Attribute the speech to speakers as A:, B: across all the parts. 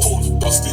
A: Cold dusty.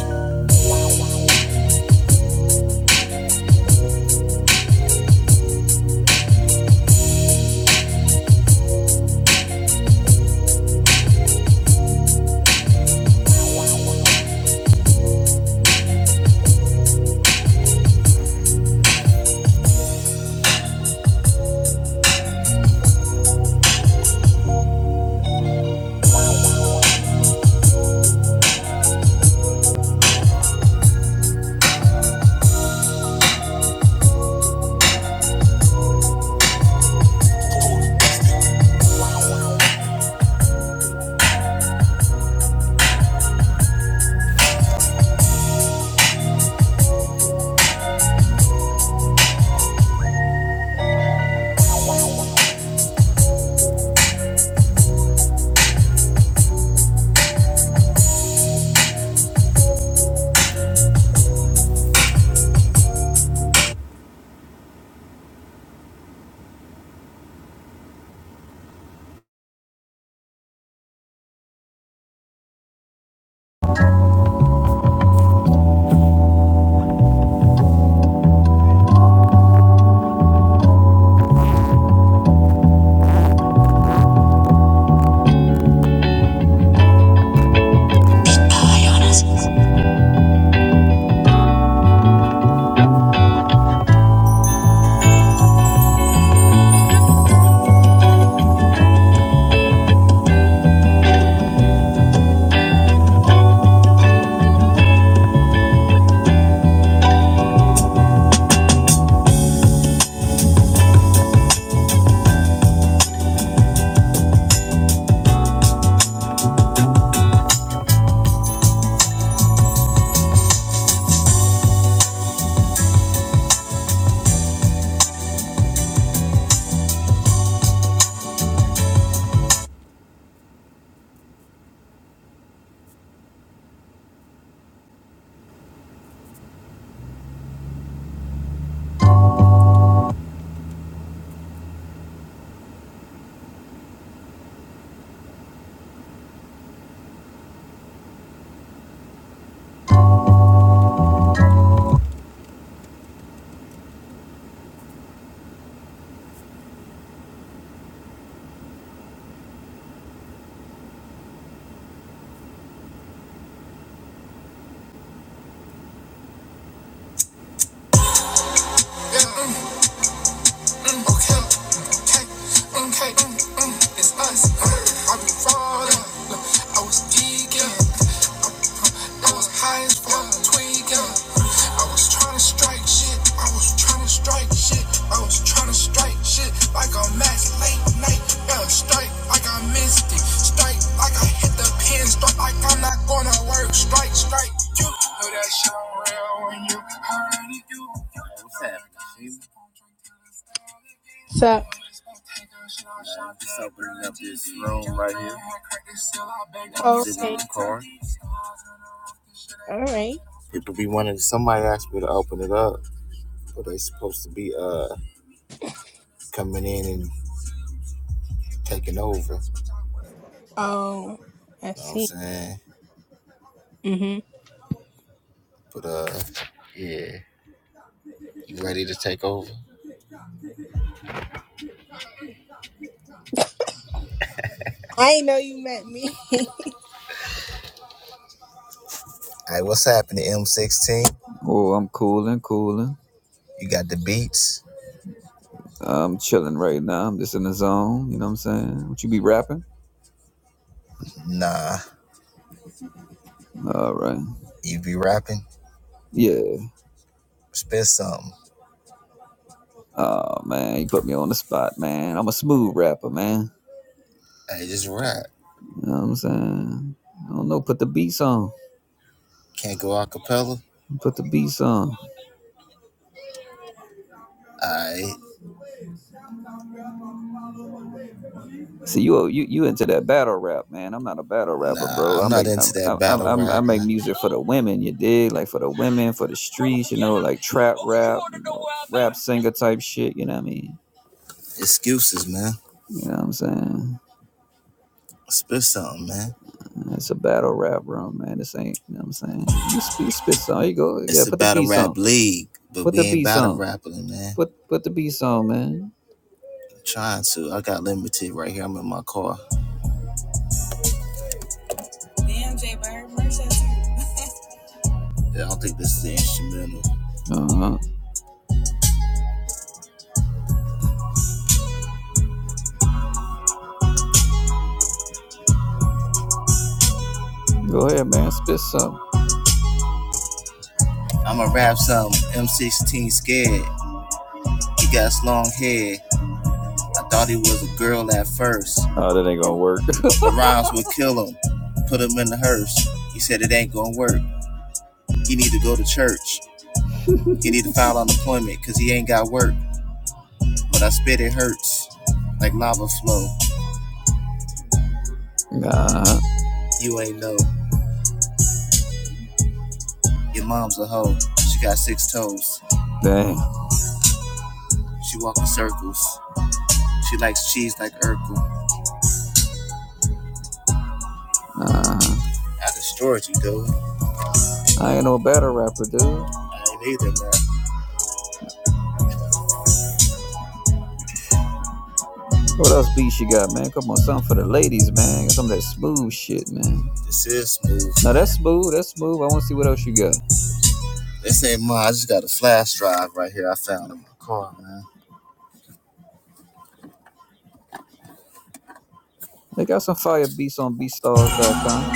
A: Okay, mm, mm, be falling. I like Yeah, like like like
B: So okay, all right.
A: People be wanting somebody asked me to open it up, but they supposed to be uh coming in and taking over. You
B: Oh, I
A: know what I'm
B: see.
A: saying?
B: Mhm.
A: But uh, yeah, you ready to take over?
B: I ain't know you met me.
A: Hey, what's happening, M16?
C: Oh, I'm cooling, cooling.
A: You got the beats?
C: I'm chilling right now. I'm just in the zone. You know what I'm saying? What you be rapping?
A: Nah,
C: All right.
A: you be rapping?
C: Yeah.
A: Spit something.
C: Oh man, you put me on the spot, man. I'm a smooth rapper, man.
A: Hey, just rap.
C: You know what I'm saying? I don't know. Put the beats on.
A: Can't go a cappella?
C: Put the beats on.
A: Alright.
C: See, you you you into that battle rap, man? I'm not a battle rapper,
A: Nah,
C: bro.
A: I'm
C: I
A: not
C: make I
A: into
C: I,
A: that battle
C: I, I
A: rap,
C: make
A: man.
C: music for the
A: Hello,
C: women. You dig? Like for the women, for the streets. You
A: you.
C: know, like trap
A: Oh,
C: rap.
A: wanna
C: You
A: know
C: know,
A: where I'm
C: rap
A: at?
C: singer type shit. You know what I mean?
A: Excuses, man.
C: You know what I'm saying?
A: Spit something, man.
C: That's a battle rap room, man. This ain't, you know what I'm saying? You, sp- you spit some. You go, yeah,
A: It's a
C: put the
A: battle
C: beats
A: rap
C: on.
A: league, but
C: Put
A: we
C: the
A: ain't
C: beats
A: battle
C: on.
A: rapping, man.
C: Put put the beats on, man.
A: Trying to. I got limited right here. I'm in my car. Damn, J Bird, Mercedes. Yeah, I don't think this is the instrumental.
C: Uh-huh. Go ahead, man. Spit some.
A: I'ma rap something. M16 scared. He got his long hair. I thought he was a girl at first.
C: Oh, that ain't gonna
A: My,
C: work.
A: my rhymes would kill him. Put him in the hearse. He said it ain't gonna work. He need to go to church. He need to file unemployment cause he ain't got work. When I spit it hurts. Like lava flow.
C: uh-huh.
A: You ain't know. Your mom's a hoe. She got six toes.
C: Damn.
A: She walk in circles. She likes cheese like Urkel.
C: Uh-huh.
A: I destroyed you, dude.
C: I ain't no battle rapper, dude.
A: I ain't either, man.
C: What else beats you got, man? Come on, something for the ladies, man. Get some of that smooth shit, man.
A: This is smooth,
C: Now
A: man.
C: that's smooth. That's smooth. I want to see what else you got.
A: This ain't mine. I just got a flash drive right here I found in my car, man.
C: They got some fire beats on BeatStars.com.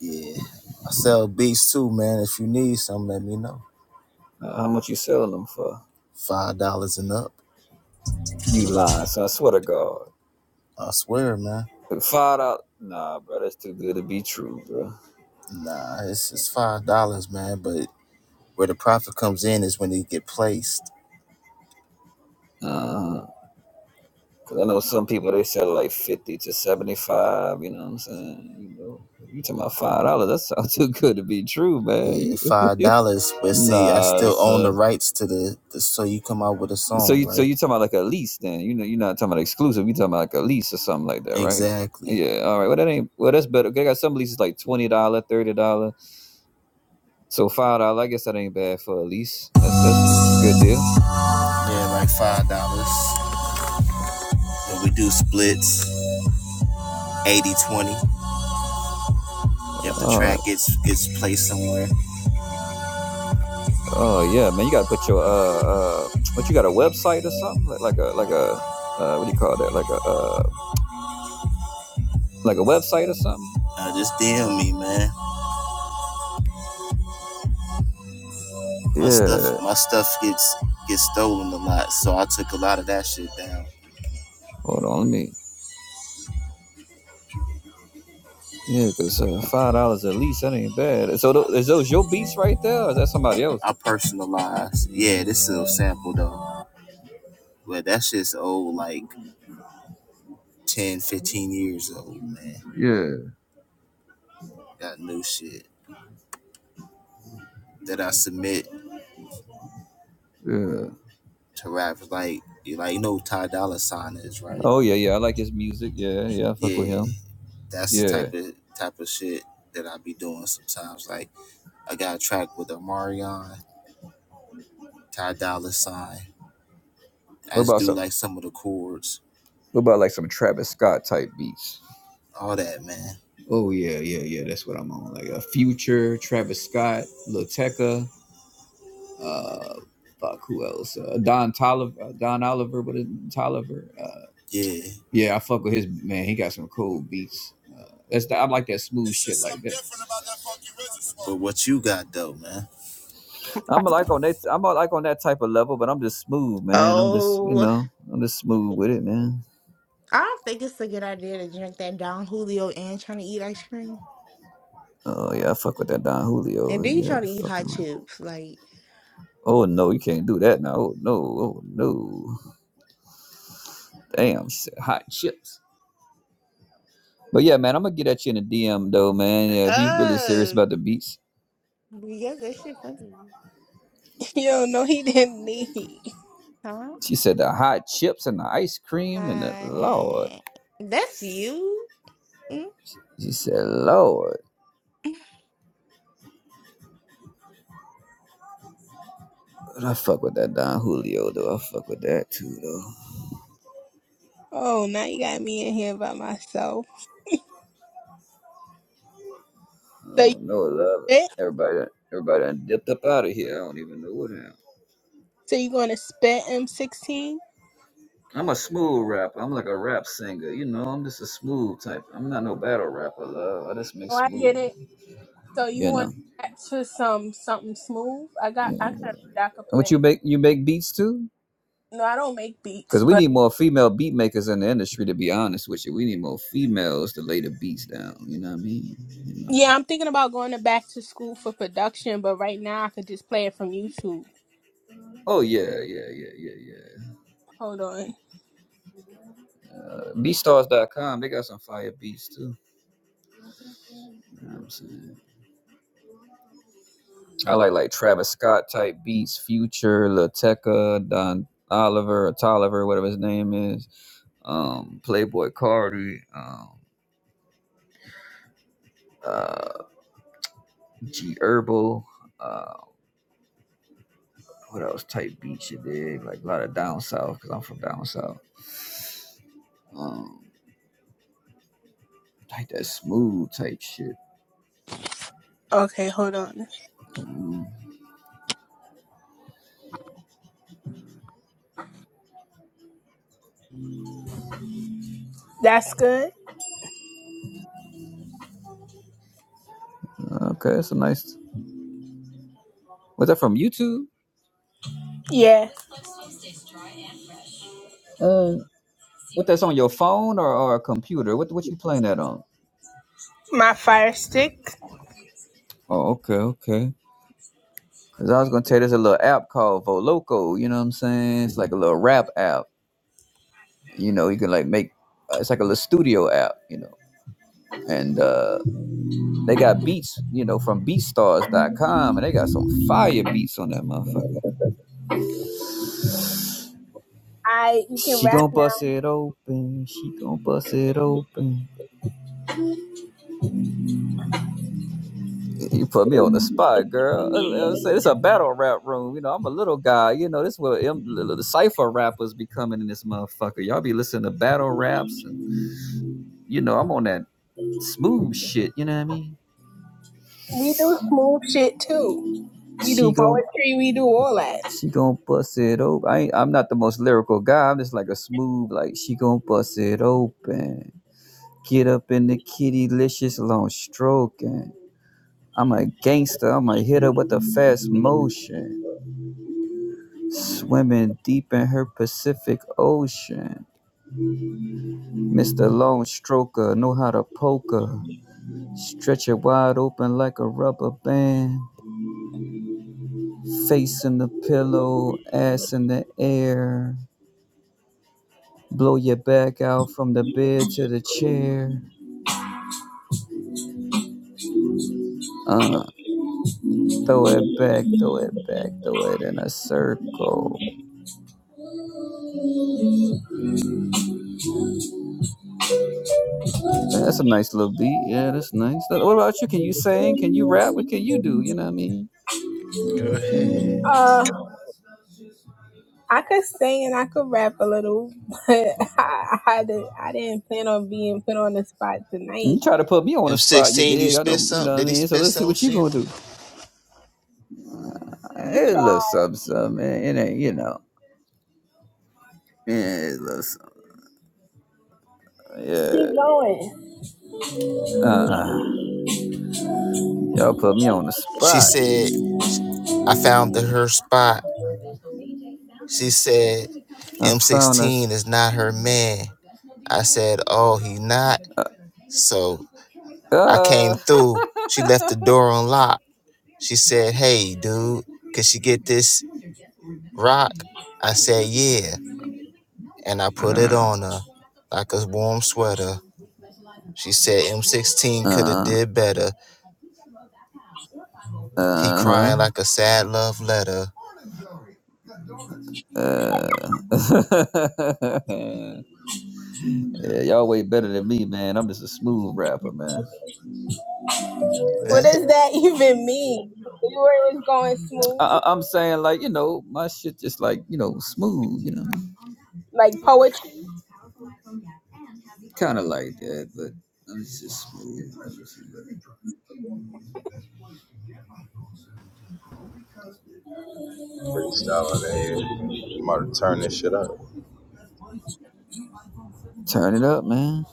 A: Yeah. I sell beats too, man. If you need some, let me know.
C: Uh, how much you selling them for?
A: Five dollars and up.
C: You lying, son. I swear to God.
A: I swear, man.
C: Five dollars. Nah, bro, that's too good to be true, bro.
A: Nah, it's it's five dollars, man. But where the profit comes in is when they get placed.
C: Uh, cause I know some people they sell like fifty to seventy-five. You know what I'm saying? You know, you talking about five dollars? That sounds too good to be true,
A: Yeah,
C: man.
A: five
C: You,
A: dollars. But see, I
C: nah,
A: still own the
C: son.
A: rights to the, the so you come out with a
C: So
A: song,
C: you so
A: right?
C: you talking about like a lease? Then you know you're not talking about exclusive. You talking about like a lease or something like that, right?
A: Exactly.
C: Yeah. All right. Well, that ain't. Well, that's better. They got some leases like twenty dollar, thirty dollar. So five dollar. I guess that ain't bad for a lease. That's that's that's a good deal.
A: Yeah, like five dollars. When we do splits, eighty twenty. If the
C: Oh
A: track gets gets placed somewhere,
C: Oh yeah, man, you got to put your uh uh what you got a website or something like, like a like a uh what do you call that like a uh like a website or something?
A: uh, just DM me, man. My stuff,
C: Yeah.
A: my stuff gets gets stolen a lot, so I took a lot of that shit down.
C: Hold on, let me. Yeah, cause uh, five dollars at least that ain't bad. So th- is those your beats right there? Or is that somebody else?
A: I personalized. Yeah, this is a sample though, but that shit's old, like 10, 15 years old, man.
C: Yeah,
A: Got new shit that I submit
C: yeah.
A: to rappers like you like you know who Ty Dolla Sign is, right?
C: Oh yeah, yeah. I like his music. Yeah, yeah. I fuck with
A: yeah,
C: him.
A: that's the
C: Yeah.
A: type of type of shit that I be doing sometimes. Like I got a track with Amarion, Ty Dolla Sign. I
C: What
A: just
C: about
A: do
C: some?
A: like some of the chords,
C: What about like some Travis Scott type beats?
A: all that, man.
C: Oh yeah, yeah, yeah. That's what I'm on. Like a Future, Travis Scott, Lil Tecca. Uh, fuck, who else? Uh, Don Tolliver, uh, Don Oliver, but Tolliver. Uh,
A: Yeah.
C: yeah, I fuck with his man. He got some cool beats. Uh, that's the, I like that smooth
A: It's
C: shit
A: just
C: like
A: something
C: that.
A: different about that funky rhythm smoke. But what you got though, man?
C: I'm like on that. I'm like on that type of level, but I'm just smooth, man. I'm just you
D: Oh,
C: know, I'm just smooth with it, man.
D: I don't think it's a good idea to drink that Don Julio and trying to eat ice cream.
C: Oh yeah, I fuck with that Don
D: And
C: Julio.
D: then you
C: Yeah,
D: try to eat hot
C: fucking.
D: chips. Like,
C: Oh no, you can't do that now. Oh no, oh no. Damn, hot chips. But yeah, man, I'm gonna get at you in a DM though, man. Yeah, if you really serious
D: uh,
C: about the beats,
D: because that shit funny.
B: you don't know he didn't need.
D: Huh?
C: She said the hot chips and the ice cream and the Lord.
D: Uh, that's you. Mm.
C: She said, Lord. But I fuck with that Don Julio though. I fuck with that too though.
B: Oh, now you got me in here by myself.
C: I
B: So you
C: don't know, love
B: spit?
C: it. Everybody everybody done dipped up out of here. I don't even know what happened.
B: So you going to spit M16?
C: I'm a smooth rapper. I'm like a rap singer. You know, I'm just a smooth type. I'm not no battle rapper, love. I just make
B: Oh, I get
C: smooth.
B: it. So you
C: You
B: want to
C: know.
B: back to some something smooth? I got I
C: And
B: got a beat I could
C: what you
B: play.
C: make you make beats too?
B: No, I don't make beats,
C: Cause we
B: but
C: need more female beat makers in the industry, to be honest with you. We need more females to lay the beats down. You know what I mean? You know.
B: yeah, I'm thinking about going to back to school for production. But right now, I could just play it from YouTube.
C: Oh yeah, yeah, yeah, yeah, yeah.
B: Hold on.
C: Uh, beatstars dot com, they got some fire beats too. You know what I'm saying? I like like Travis Scott type beats, Future, Lil Tecca, Don Oliver, or Tolliver, whatever his name is. Um, Playboy Cardi, um, uh, G Herbal. Uh, what else type beats you dig? Like a lot of down south, cause I'm from down south. Um, like that smooth type shit.
B: Okay, hold on.
C: Mm.
B: That's good.
C: Okay, that's a nice. Was that from YouTube?
B: Yeah,
C: Uh, What that's on your phone or, or a computer? What what you playing that on?
B: my fire stick.
C: Oh, okay, okay. Cause I was gonna tell you there's a little app called Voloco. You know what I'm saying? It's like a little rap app. You know, you can like make. Uh, it's like a little studio app. You know, and uh they got beats. You know, from BeatStars.com, and they got some fire beats on that motherfucker.
B: I you can
C: She
B: rap
C: gonna bust
B: now.
C: it open. She gonna bust it open. You put me on the spot, girl. I, I say this a battle rap room. You know, I'm a little guy. You know, this is what M- the cipher rappers be coming in this motherfucker. Y'all be listening to battle raps, and you know, I'm on that smooth shit. You know what I mean?
B: We do smooth shit too. We do
C: She gon'
B: poetry. We do all that.
C: she gon' bust it open. I ain't, I'm not the most lyrical guy. I'm just like a smooth, like she gon' bust it open. Get up in the kitty licious long stroking. I'm a gangster. I'm a hitter with a fast motion. swimming deep in her Pacific Ocean. Mr. Long Stroker know how to poker, stretch it wide open like a rubber band. Face in the pillow, ass in the air. Blow your back out from the bed to the chair. Uh, throw it back, throw it back, throw it in a circle. Yeah, That's a nice little beat. Yeah, that's nice. What about you? Can you sing? Can you rap? What can you do? You know what I mean?
A: Go ahead.
B: Uh, I could sing and I could rap a little, but I I, did, I didn't plan on being put on the spot
C: You
B: tonight.
C: try to put me on the spot, you
A: M16, you
C: dig? I
A: spit
C: know, you
A: something?
C: know what
A: Did
C: I
A: he
C: mean? So
A: spit
C: let's see
A: something,
C: what you gonna
A: Shima?
C: do.
B: We
C: It
B: tried.
C: looks something, something, man. It ain't, you know. Yeah, it looks something.
B: Keep
C: Yeah.
B: going.
C: Uh-uh. Y'all put me on the
A: She
C: spot.
A: said, sh- I found the, her spot. She said,
C: I found a
A: M16
C: sp-
A: is not her man. I said, oh, he not? So. I came
C: uh
A: through. She left the door unlocked. She said, Hey, dude, could you get this rock? I said, Yeah. And I put it on her like a warm sweater. She said M16 could have
C: Uh,
A: did better.
C: uh,
A: He
C: uh-huh.
A: crying like a sad love letter.
C: Uh, yeah, y'all way better than me, man. I'm just a smooth rapper, man.
B: What does that even mean? You were it was going smooth,
C: I, I- I'm saying like you know my shit just like you know smooth, you know.
B: like poetry.
C: Kind of like that, but I'm just smooth.
E: freestyling there. I'm about to turn this shit up.
C: Turn it up, man.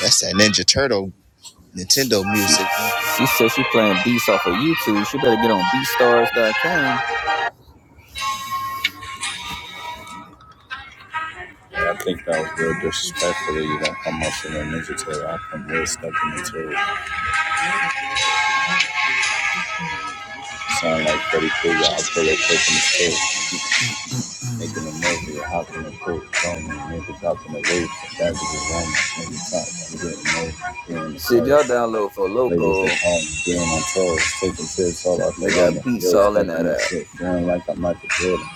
A: That's that Ninja Turtle
C: She
A: Nintendo
C: she
A: music. nigga.
C: she says she playing beats off of YouTube. She better get on BeatStars dot com.
E: Yeah, I think that was real disrespectful that you don't come up with a ninja turtle. I come real stepping into it. Sound like Freddy Krueger. I pull it quick in the stick. Making a movie, I hop in the pool, throwing me, niggas out in the roof, that is a woman, nigga talk, I'm getting moved, hearing the
C: See, if y'all
E: first.
C: download for
E: Labels they
C: local,
E: call me, getting on tours, taking trips all out
C: they
E: the
C: got
E: London,
C: beats
E: yo,
C: all in that
E: stepping in
C: app.
E: shit, doing like I'm Michael Jordan,